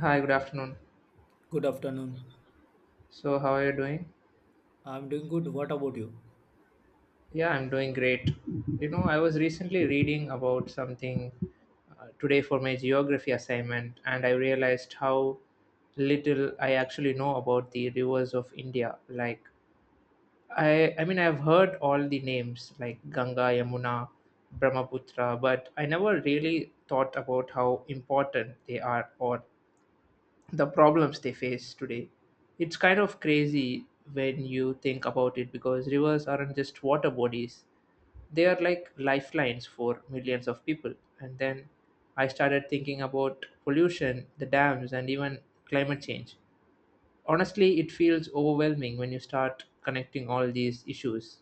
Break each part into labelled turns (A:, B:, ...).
A: Hi, good afternoon.
B: Good afternoon.
A: So, how are you doing?
B: I'm doing good. What about you?
A: Yeah, I'm doing great. You know, I was recently reading about something today for my geography assignment, and I realized how little I actually know about the rivers of India. I mean, I've heard all the names like Ganga, Yamuna, Brahmaputra, but I never really thought about how important they are or the problems they face today. It's kind of crazy when you think about it because rivers aren't just water bodies, they are like lifelines for millions of people. And then I started thinking about pollution, the dams, and even climate change. Honestly, it feels overwhelming when you start connecting all these issues.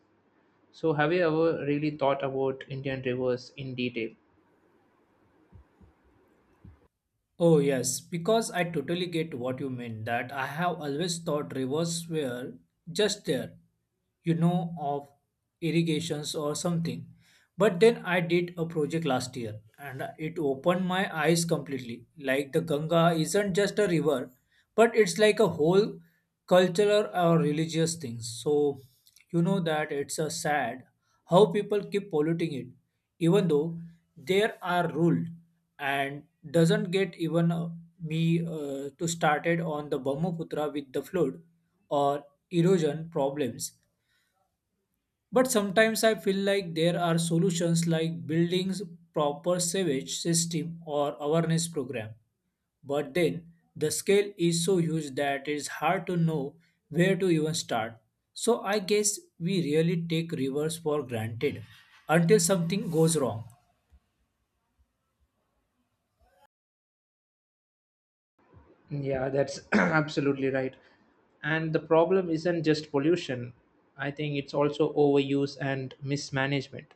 A: So, have you ever really thought about Indian rivers in detail?
B: Oh, yes, because I totally get what you mean. That I have always thought rivers were just there, of irrigations or something. But then I did a project last year and it opened my eyes completely. Like the Ganga isn't just a river, but it's like a whole cultural or religious thing. So, that it's a sad how people keep polluting it, even though there are rules and doesn't get even me to started on the Brahmaputra with the flood or erosion problems. But sometimes I feel like there are solutions like buildings proper sewage system or awareness program. But then the scale is so huge that it's hard to know where to even start. So I guess we really take rivers for granted until something goes wrong.
A: Yeah, that's absolutely right. And the problem isn't just pollution. I think it's also overuse and mismanagement.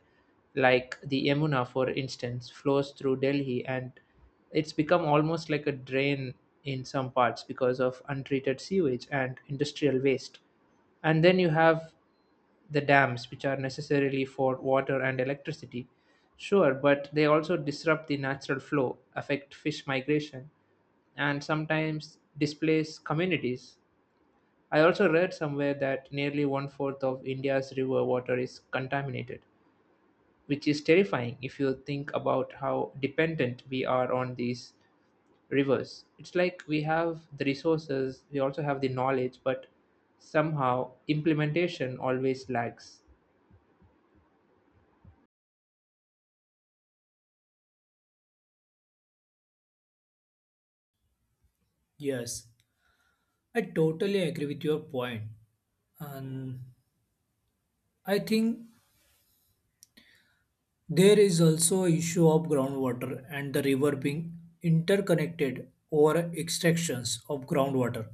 A: Like the Yamuna, for instance, flows through Delhi and it's become almost like a drain in some parts because of untreated sewage and industrial waste. And then you have the dams, which are necessarily for water and electricity. Sure, but they also disrupt the natural flow, affect fish migration, and sometimes displace communities. I also read somewhere that nearly one fourth of India's river water is contaminated, which is terrifying if you think about how dependent we are on these rivers. It's like we have the resources, we also have the knowledge, but somehow implementation always lags.
B: Yes, I totally agree with your point. And I think there is also a issue of groundwater and the river being interconnected over extractions of groundwater.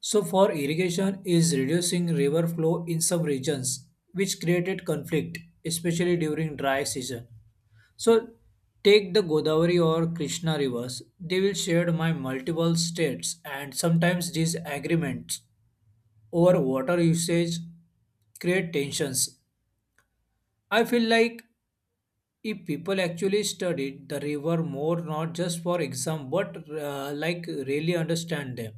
B: So for irrigation is reducing river flow in some regions, which created conflict, especially during dry season. So take the Godavari or Krishna rivers, they will share my multiple states and sometimes these agreements over water usage create tensions. I feel like if people actually studied the river more not just for exam but like really understand them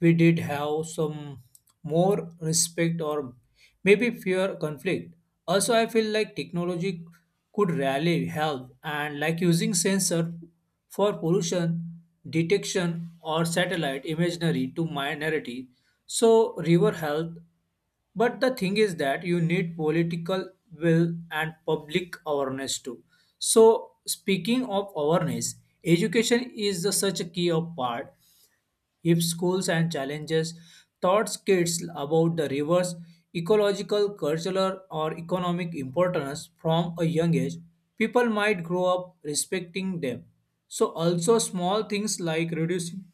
B: we did have some more respect or maybe fear conflict. Also, I feel like technology could really help and like using sensor for pollution detection or satellite imagery to minority. So river health but the thing is that you need political will and public awareness too. So, speaking of awareness, education is the such a key of part if schools and challenges taught kids about the river's ecological, cultural, or economic importance from a young age, people might grow up respecting them. So, also small things like reducing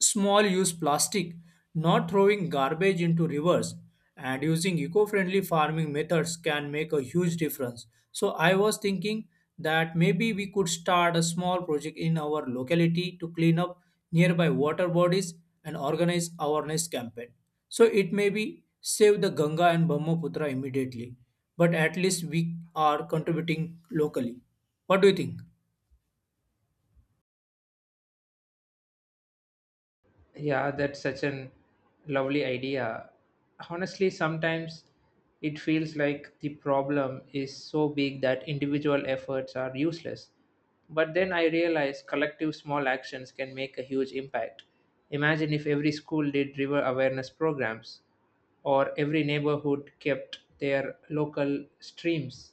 B: small use plastic, not throwing garbage into rivers, and using eco friendly farming methods can make a huge difference. So, I was thinking that maybe we could start a small project in our locality to clean up nearby water bodies and organize awareness campaign. So, it may be save the Ganga and Brahmaputra immediately, but at least we are contributing locally. What do you think?
A: Yeah, that's such an lovely idea. Honestly, sometimes it feels like the problem is so big that individual efforts are useless. But then I realize collective small actions can make a huge impact. Imagine if every school did river awareness programs or every neighborhood kept their local streams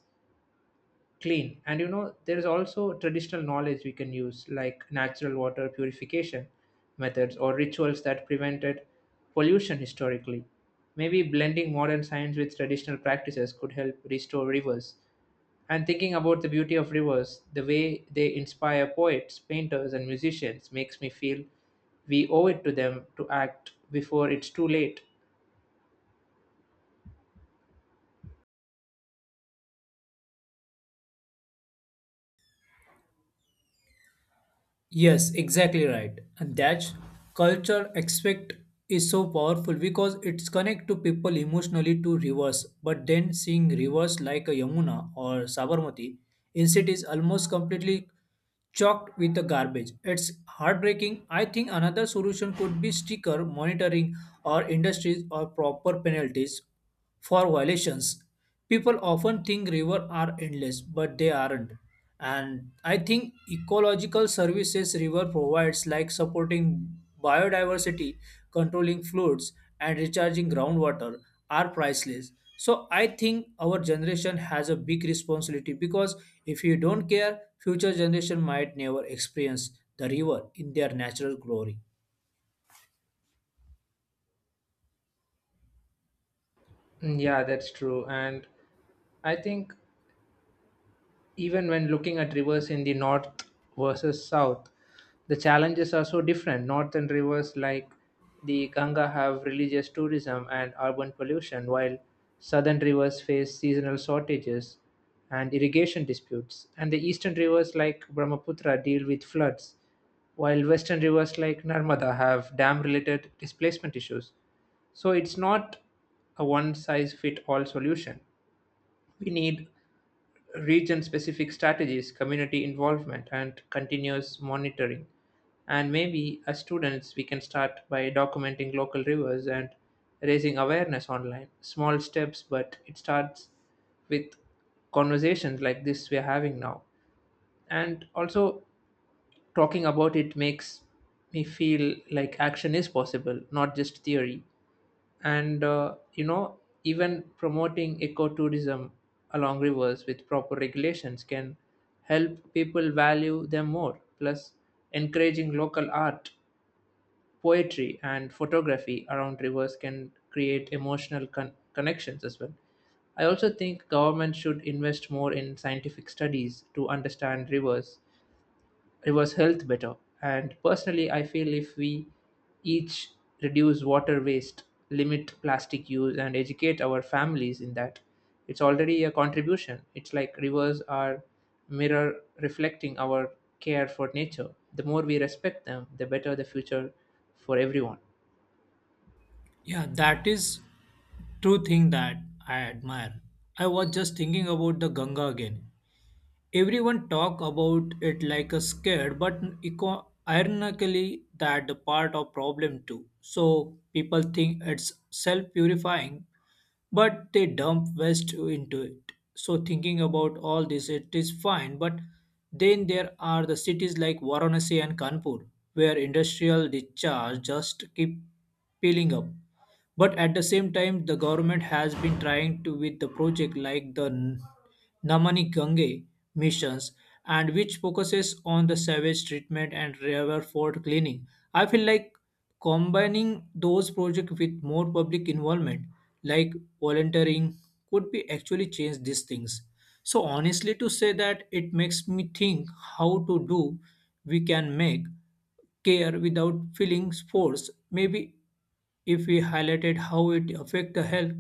A: clean, and you know there is also traditional knowledge we can use like natural water purification methods or rituals that prevented pollution historically. Maybe blending modern science with traditional practices could help restore rivers. And thinking about the beauty of rivers, the way they inspire poets, painters and musicians, makes me feel we owe it to them to act before it's too late.
B: Yes, exactly right. And that's culture aspect is so powerful because it's connect to people emotionally to rivers. But then seeing rivers like a Yamuna or Sabarmati instead is almost completely choked with the garbage. It's heartbreaking. I think another solution could be sticker monitoring or industries or proper penalties for violations. People often think rivers are endless, but they aren't. And I think ecological services river provides, like supporting biodiversity, controlling floods, and recharging groundwater, are priceless. So I think our generation has a big responsibility because if you don't care, future generation might never experience the river in their natural glory.
A: Mm, yeah, that's true. And I think even when looking at rivers in the north versus south, the challenges are so different. Northern rivers like the Ganga have religious tourism and urban pollution, while southern rivers face seasonal shortages and irrigation disputes. And the eastern rivers like Brahmaputra deal with floods, while western rivers like Narmada have dam related displacement issues. So it's not a one size fit all solution. We need region-specific strategies, community involvement, and continuous monitoring. And maybe as students, we can start by documenting local rivers and raising awareness online. Small steps, but it starts with conversations like this we're having now. And also, talking about it makes me feel like action is possible, not just theory. And you know, even promoting ecotourism along rivers with proper regulations can help people value them more. Plus, encouraging local art, poetry and photography around rivers can create emotional connections as well. I also think government should invest more in scientific studies to understand rivers, it was health better. And personally, I feel if we each reduce water waste, limit plastic use and educate our families in that, it's already a contribution. It's like rivers are mirror reflecting our care for nature. The more we respect them, the better the future for everyone.
B: Yeah, that is true thing that I admire. I was just thinking about the Ganga again. Everyone talk about it like a scared, but ironically that the part of problem too. So people think it's self-purifying, but they dump waste into it. So thinking about all this, it is fine, but then there are the cities like Varanasi and Kanpur, where industrial discharge just keep piling up. But at the same time, the government has been trying to with the project like the Namani Gange missions, and which focuses on the sewage treatment and river fort cleaning. I feel like combining those projects with more public involvement, like volunteering, could be actually change these things. So, honestly, to say that it makes me think how to do we can make care without feeling forced. Maybe if we highlighted how it affect the health,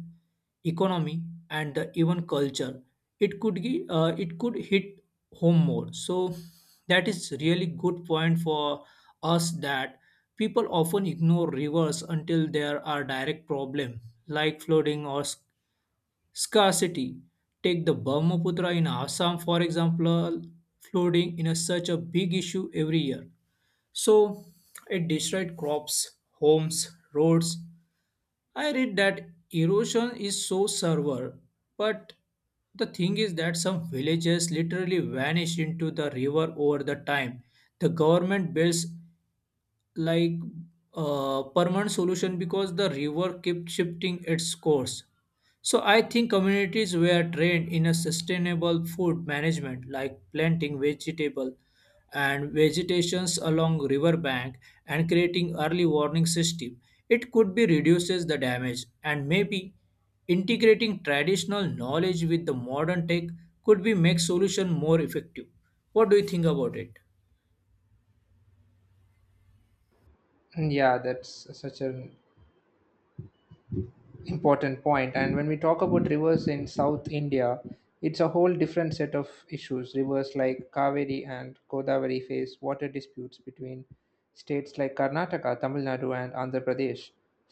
B: economy, and the even culture, it could hit home more. So that is really good point for us that people often ignore rivers until there are direct problem like flooding or scarcity. Take the Brahmaputra in Assam, for example, flooding in a such a big issue every year. So it destroyed crops, homes, roads. I read that erosion is so severe, but the thing is that some villages literally vanished into the river over the time. The government builds like permanent solution because the river kept shifting its course. So I think communities were trained in a sustainable food management like planting vegetable and vegetations along riverbank and creating early warning system. It could be reduces the damage and maybe integrating traditional knowledge with the modern tech could be make solution more effective. What do you think about it?
A: Yeah, that's such an important point. And when we talk about rivers in south India, it's a whole different set of issues. Rivers like Kaveri and Godavari face water disputes between states like Karnataka, Tamil Nadu and Andhra Pradesh.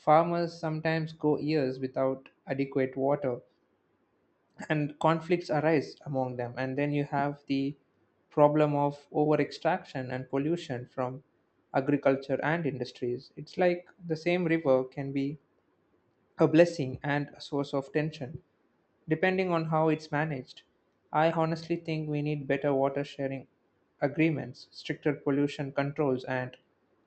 A: Farmers sometimes go years without adequate water and conflicts arise among them. And then you have the problem of over extraction and pollution from agriculture and industries. It's like the same river can be a blessing and a source of tension, depending on how it's managed. I honestly think we need better water sharing agreements, stricter pollution controls, and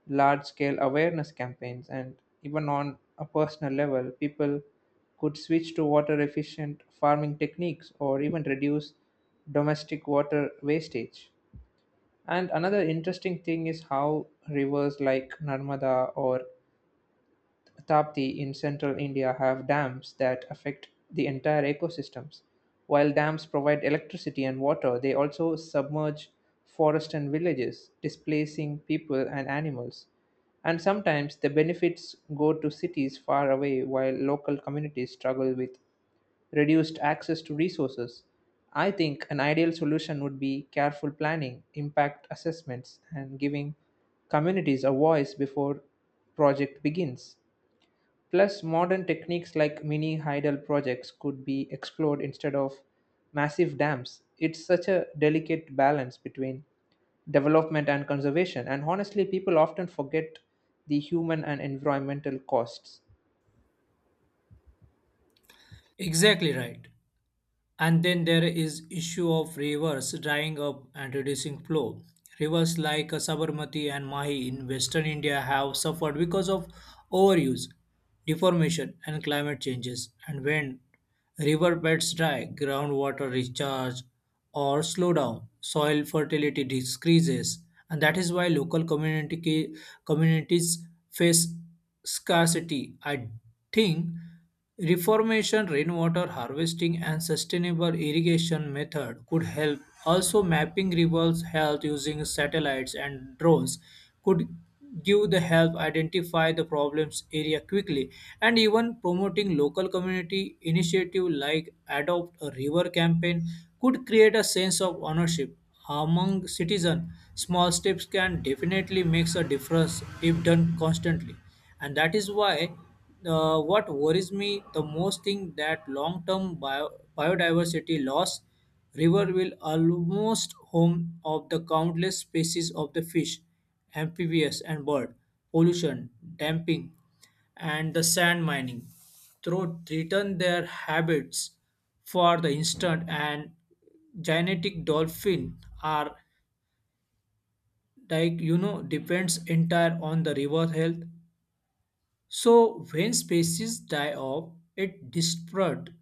A: large scale awareness campaigns. And even on a personal level, people could switch to water efficient farming techniques or even reduce domestic water wastage. And another interesting thing is how rivers like Narmada or Tapti in central India have dams that affect the entire ecosystems. While dams provide electricity and water, they also submerge forests and villages, displacing people and animals. And sometimes the benefits go to cities far away while local communities struggle with reduced access to resources. I think an ideal solution would be careful planning, impact assessments, and giving communities a voice before project begins. Plus, modern techniques like mini hydel projects could be explored instead of massive dams. It's such a delicate balance between development and conservation, and honestly, people often forget the human and environmental costs.
B: Exactly right. And then there is issue of rivers drying up and reducing flow. Rivers like Sabarmati and Mahi in western India have suffered because of overuse, deformation and climate changes. And when river beds dry, groundwater recharge or slow down, soil fertility decreases. And that is why local community communities face scarcity. I think reformation, rainwater harvesting and sustainable irrigation method could help. Also mapping rivers health using satellites and drones could give the help identify the problems area quickly and even promoting local community initiative like adopt a river campaign could create a sense of ownership among citizens small steps can definitely make a difference if done constantly and that is why what worries me the most thing that long term biodiversity loss river will almost home of the countless species of the fish amphibious and bird pollution damping and the sand mining through threaten their habits for the instant and genetic dolphin are like you know depends entire on the river health so when species die off, it disrupts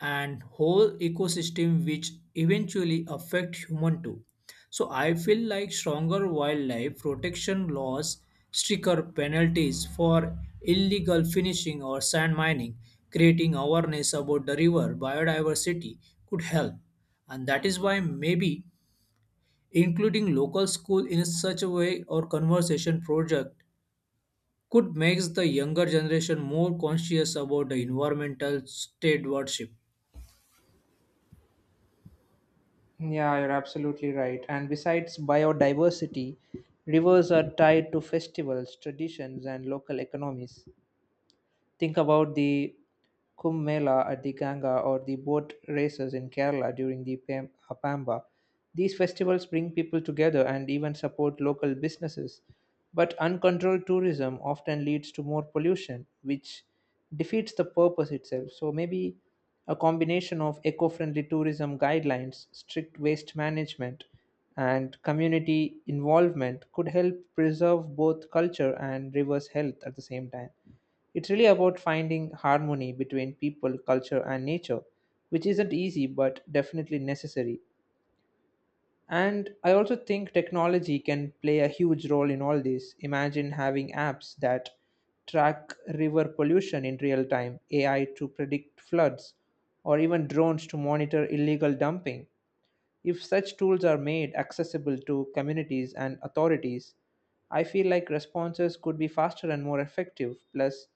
B: and whole ecosystem which eventually affect human too. So I feel like stronger wildlife protection laws, stricter penalties for illegal finishing or sand mining, creating awareness about the river biodiversity could help. And that is why maybe including local school in such a way or conversation project could make the younger generation more conscious about the environmental stewardship.
A: Yeah, you're absolutely right. And besides biodiversity, rivers are tied to festivals, traditions, and local economies. Think about the Kumbh Mela at the Ganga or the boat races in Kerala during the Pamba. These festivals bring people together and even support local businesses. But uncontrolled tourism often leads to more pollution, which defeats the purpose itself. So maybe a combination of eco friendly tourism guidelines, strict waste management, and community involvement could help preserve both culture and rivers' health at the same time. It's really about finding harmony between people, culture, and nature, which isn't easy but definitely necessary. And I also think technology can play a huge role in all this. Imagine having apps that track river pollution in real time, AI to predict floods, or even drones to monitor illegal dumping. If such tools are made accessible to communities and authorities, I feel like responses could be faster and more effective. Plus,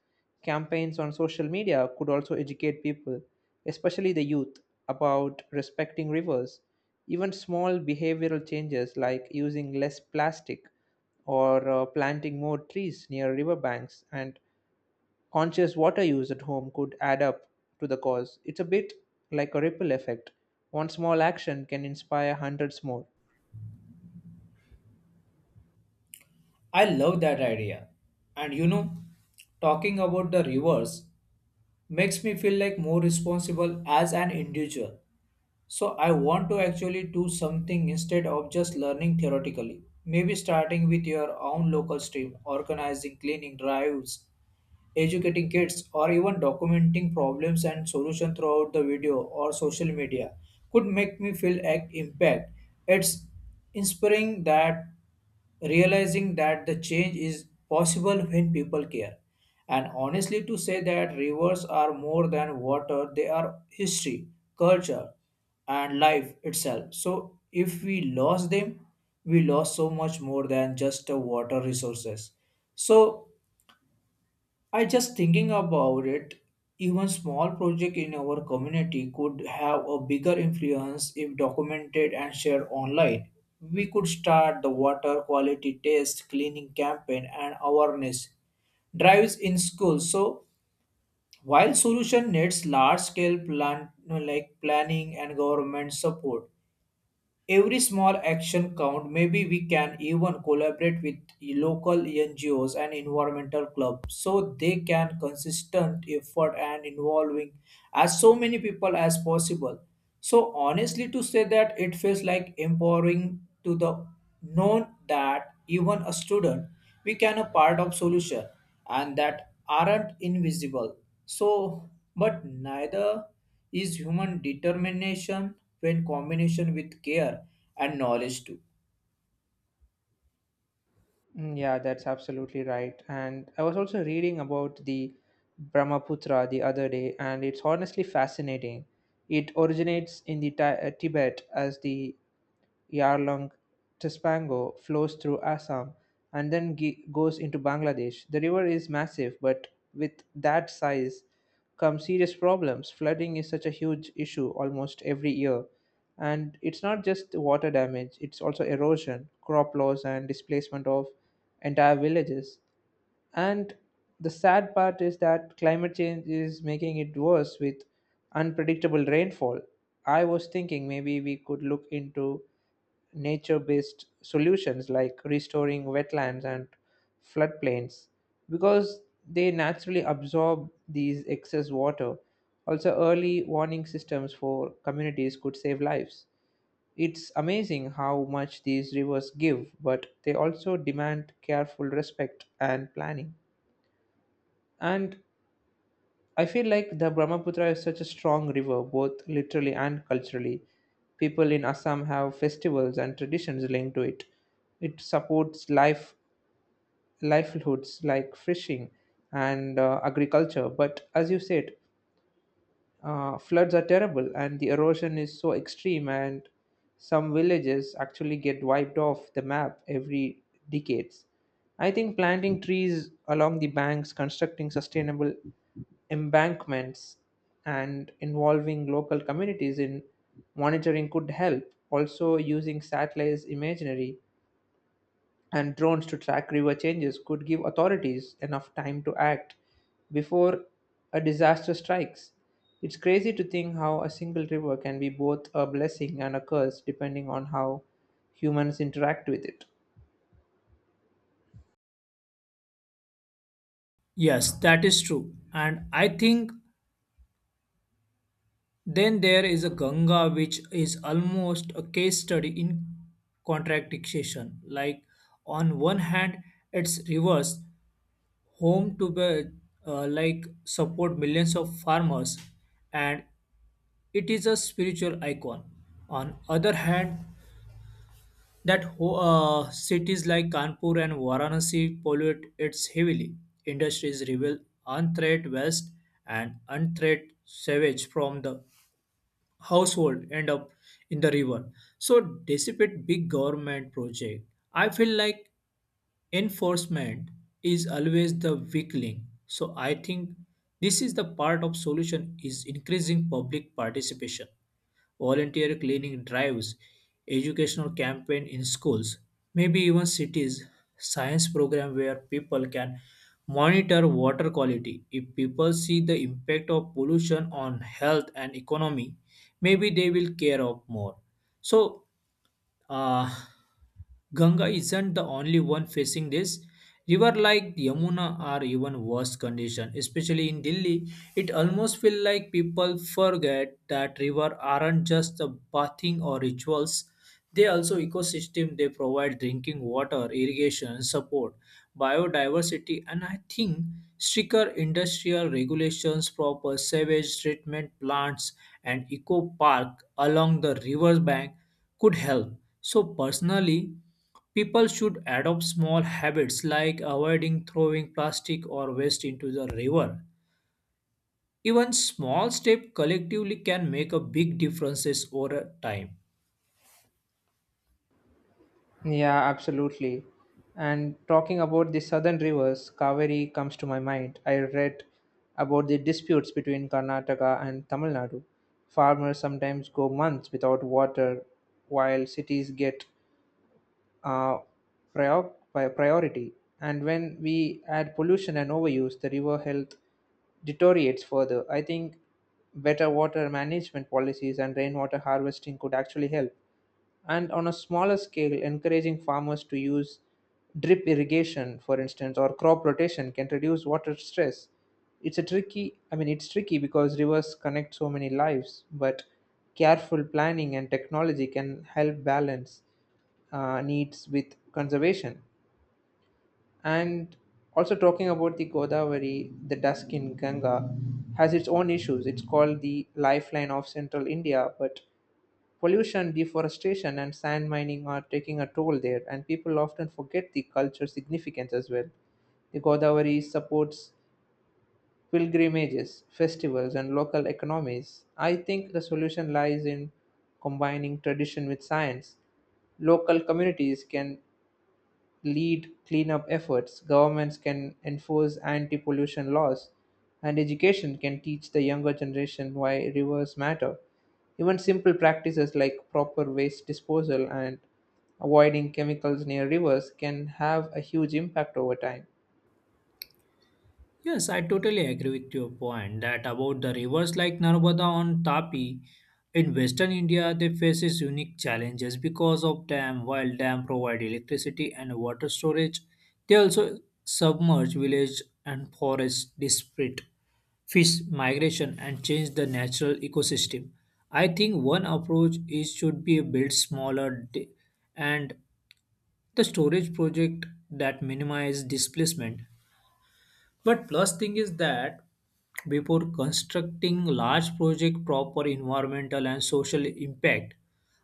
A: campaigns on social media could also educate people, especially the youth, about respecting rivers. Even small behavioral changes like using less plastic or planting more trees near riverbanks and conscious water use at home could add up to the cause. It's a bit like a ripple effect. One small action can inspire hundreds more.
B: I love that idea. And you know, talking about the rivers makes me feel like more responsible as an individual. So I want to actually do something instead of just learning theoretically. Maybe starting with your own local stream, organizing cleaning drives, educating kids, or even documenting problems and solutions throughout the video or social media could make me feel an impact. It's inspiring that realizing that the change is possible when people care. And honestly, to say that rivers are more than water, they are history, culture, and life itself. So, if we lost them, we lost so much more than just the water resources. So, I just thinking about it, even small project in our community could have a bigger influence if documented and shared online. We could start the water quality test cleaning campaign and awareness drives in schools. So while solution needs large scale plan like planning and government support, every small action count. Maybe we can even collaborate with local NGOs and environmental clubs so they can consistent effort and involving as so many people as possible. So honestly to say that it feels like empowering to the known that even a student we can a part of solution and that aren't invisible. So but neither is human determination when combination with care and knowledge too.
A: Mm, yeah, that's absolutely right. And I was also reading about the Brahmaputra the other day, and it's honestly fascinating. It originates in the Tibet as the Yarlung, Taspango, flows through Assam and then goes into Bangladesh. The river is massive, but with that size come serious problems. Flooding is such a huge issue almost every year. And it's not just water damage, it's also erosion, crop loss, and displacement of entire villages. And the sad part is that climate change is making it worse with unpredictable rainfall. I was thinking maybe we could look into nature-based solutions like restoring wetlands and floodplains because they naturally absorb these excess water. Also, early warning systems for communities could save lives. It's amazing how much these rivers give, but they also demand careful respect and planning. And I feel like the Brahmaputra is such a strong river, both literally and culturally. People in Assam have festivals and traditions linked to it. It supports life livelihoods like fishing and agriculture. But as you said, floods are terrible, and the erosion is so extreme, and some villages actually get wiped off the map every decades. I think planting trees along the banks, constructing sustainable embankments, and involving local communities in monitoring could help. Also, using satellites imagery and drones to track river changes could give authorities enough time to act before a disaster strikes. It's crazy to think how a single river can be both a blessing and a curse depending on how humans interact with it.
B: Yes, that is true. And I think then there is a Ganga which is almost a case study in contradiction. Like on one hand, it's reverse home to be like support millions of farmers and it is a spiritual icon. On other hand, that cities like Kanpur and Varanasi pollute its heavily. Industries reveal unthreat waste and unthreat sewage from the household end up in the river. So dissipate big government project. I feel like enforcement is always the weak link. So I think this is the part of solution is increasing public participation volunteer cleaning drives, educational campaign in schools, maybe even cities, science program where people can monitor water quality. If people see the impact of pollution on health and economy, maybe they will care of more. So uh, Ganga isn't the only one facing this. River like Yamuna are even worse condition, especially in Delhi. It almost feel like people forget that river aren't just the bathing or rituals. They also ecosystem. They provide drinking water, irrigation support, biodiversity, and I think stricter industrial regulations, proper sewage treatment plants, and eco park along the river bank could help. So, personally, people should adopt small habits like avoiding throwing plastic or waste into the river. Even small steps collectively can make a big differences over time.
A: Yeah, absolutely. And talking about the southern rivers, Kaveri comes to my mind. I read about the disputes between Karnataka and Tamil Nadu. Farmers sometimes go months without water, while cities get uh, priority. And when we add pollution and overuse, the river health deteriorates further. I think better water management policies and rainwater harvesting could actually help. And on a smaller scale, encouraging farmers to use drip irrigation for instance or crop rotation can reduce water stress. It's a tricky i mean it's tricky because rivers connect so many lives, but careful planning and technology can help balance needs with conservation. And also talking about the Godavari, the Daskin Ganga has its own issues. It's called the lifeline of central India, but pollution, deforestation, and sand mining are taking a toll there, and people often forget the cultural significance as well. The Godavari supports pilgrimages, festivals, and local economies. I think the solution lies in combining tradition with science. Local communities can lead cleanup efforts, governments can enforce anti pollution laws, and education can teach the younger generation why rivers matter. Even simple practices like proper waste disposal and avoiding chemicals near rivers can have a huge impact over time.
B: Yes, I totally agree with your point that about the rivers like Narmada on Tapi in western India they faces unique challenges because of dam while dam provide electricity and water storage they also submerge village and forest disparate fish migration and change the natural ecosystem. I think one approach is should be build smaller and the storage project that minimize displacement. But plus thing is that before constructing large project proper environmental and social impact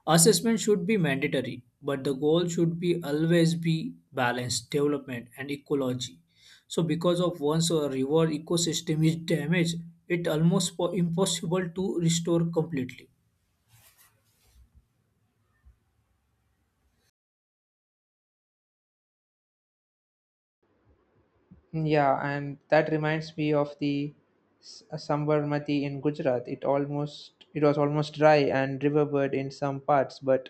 B: assessment should be mandatory but the goal should be always be balanced development and ecology so because of once a river ecosystem is damaged it almost impossible to restore completely
A: Yeah, and that reminds me of the Sabarmati in Gujarat. It almost it was almost dry and riverbed in some parts, but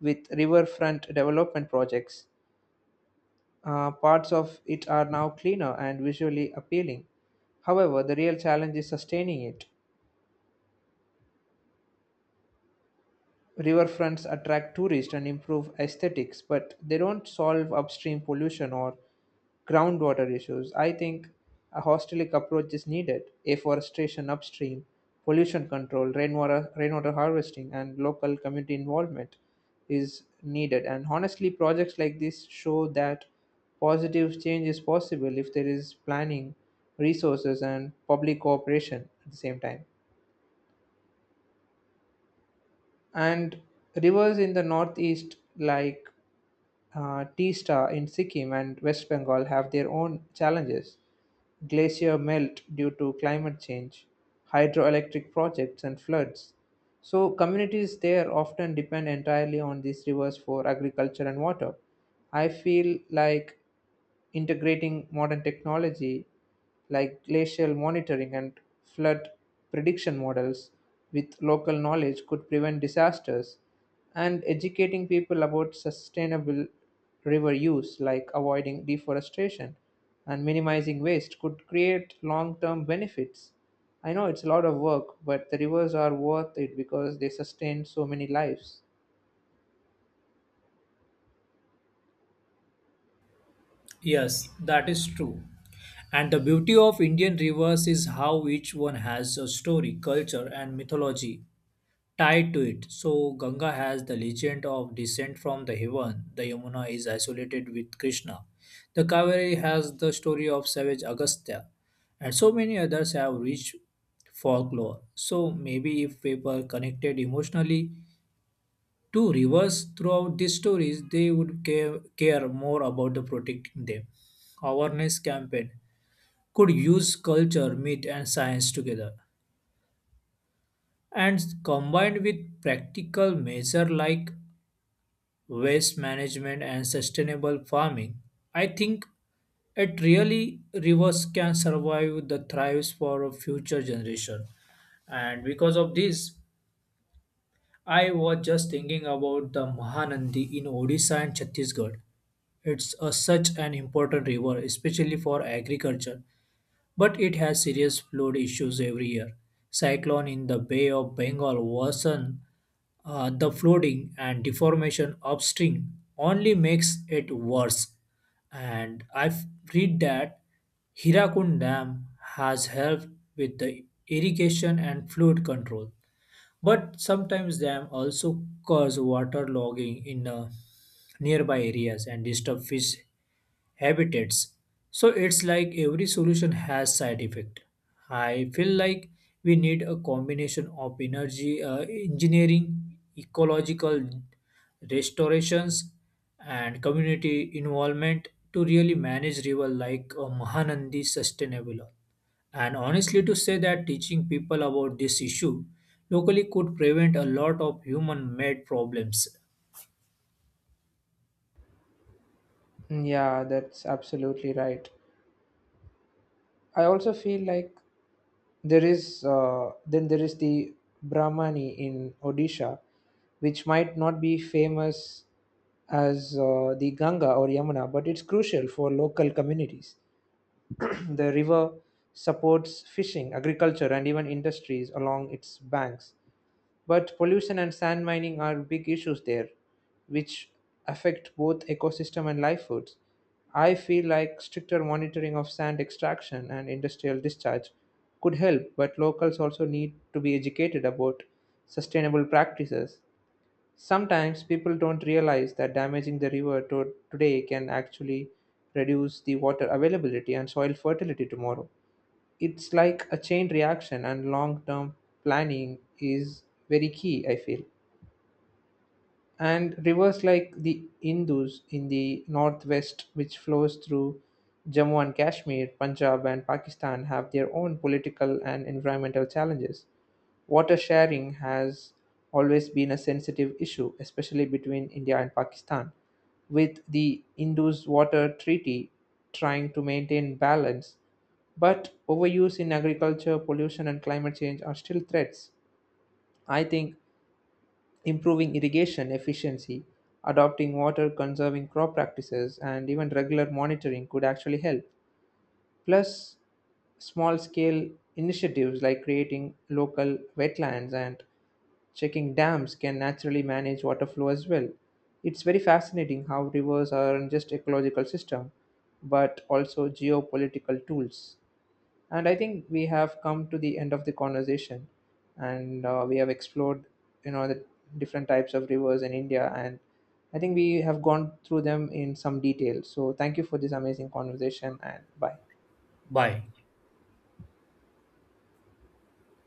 A: with riverfront development projects, parts of it are now cleaner and visually appealing. However, the real challenge is sustaining it. Riverfronts attract tourists and improve aesthetics, but they don't solve upstream pollution or groundwater issues. I think a holistic approach is needed: afforestation upstream, pollution control, rainwater harvesting, and local community involvement is needed. And honestly, projects like this show that positive change is possible if there is planning, resources, and public cooperation at the same time. And rivers in the northeast like Teesta in Sikkim and West Bengal have their own challenges. Glacier melt due to climate change, hydroelectric projects, and floods. So, communities there often depend entirely on these rivers for agriculture and water. I feel like integrating modern technology like glacial monitoring and flood prediction models with local knowledge could prevent disasters. And educating people about sustainable river use, like avoiding deforestation and minimizing waste, could create long term benefits. I know it's a lot of work, but the rivers are worth it because they sustain so many lives.
B: yes that is true and the beauty of indian rivers is how each one has a story culture and mythology tied to it. So, Ganga has the legend of descent from the heaven. The Yamuna is isolated with Krishna. The Kaveri has the story of savage Agastya. And so many others have rich folklore. So, maybe if people connected emotionally to rivers throughout these stories, they would care more about the protecting them. Awareness campaign could use culture, myth, and science together and combined with practical measure like waste management and sustainable farming, I think it really rivers can survive the thrives for a future generation. And because of this, I was just thinking about the Mahanandi in Odisha and Chhattisgarh. It's a, such an important river, especially for agriculture but it has serious flood issues every year. Cyclone in the Bay of Bengal worsen the flooding and deformation upstream only makes it worse. And I've read that Hirakund Dam has helped with the irrigation and flood control but sometimes dam also cause waterlogging in nearby areas and disturb fish habitats. So it's like every solution has side effect. I feel like we need a combination of energy engineering, ecological restorations, and community involvement to really manage river like Mahanandi sustainable. And honestly, to say that teaching people about this issue locally could prevent a lot of human made problems.
A: Mm, yeah, that's absolutely right. I also feel like there is the Brahmani in Odisha, which might not be famous as the Ganga or Yamuna, but it's crucial for local communities. The river supports fishing, agriculture, and even industries along its banks. But pollution and sand mining are big issues there, which affect both ecosystem and life foods. I feel like stricter monitoring of sand extraction and industrial discharge could help, but locals also need to be educated about sustainable practices. Sometimes people don't realize that damaging the river today can actually reduce the water availability and soil fertility tomorrow. It's like a chain reaction and long term planning is very key, I feel. And rivers like the Indus in the northwest, which flows through Jammu and Kashmir, Punjab, and Pakistan, have their own political and environmental challenges. Water sharing has always been a sensitive issue, especially between India and Pakistan, with the Indus Water Treaty trying to maintain balance. But overuse in agriculture, pollution, and climate change are still threats. I think improving irrigation efficiency, adopting water conserving crop practices, and even regular monitoring could actually help. Plus, small scale initiatives like creating local wetlands and checking dams can naturally manage water flow as well. It's very fascinating how rivers aren't just ecological system but also geopolitical tools. And I think we have come to the end of the conversation, and we have explored, you know, the different types of rivers in India, and I think we have gone through them in some detail. So thank you for this amazing conversation, and bye.
B: Bye.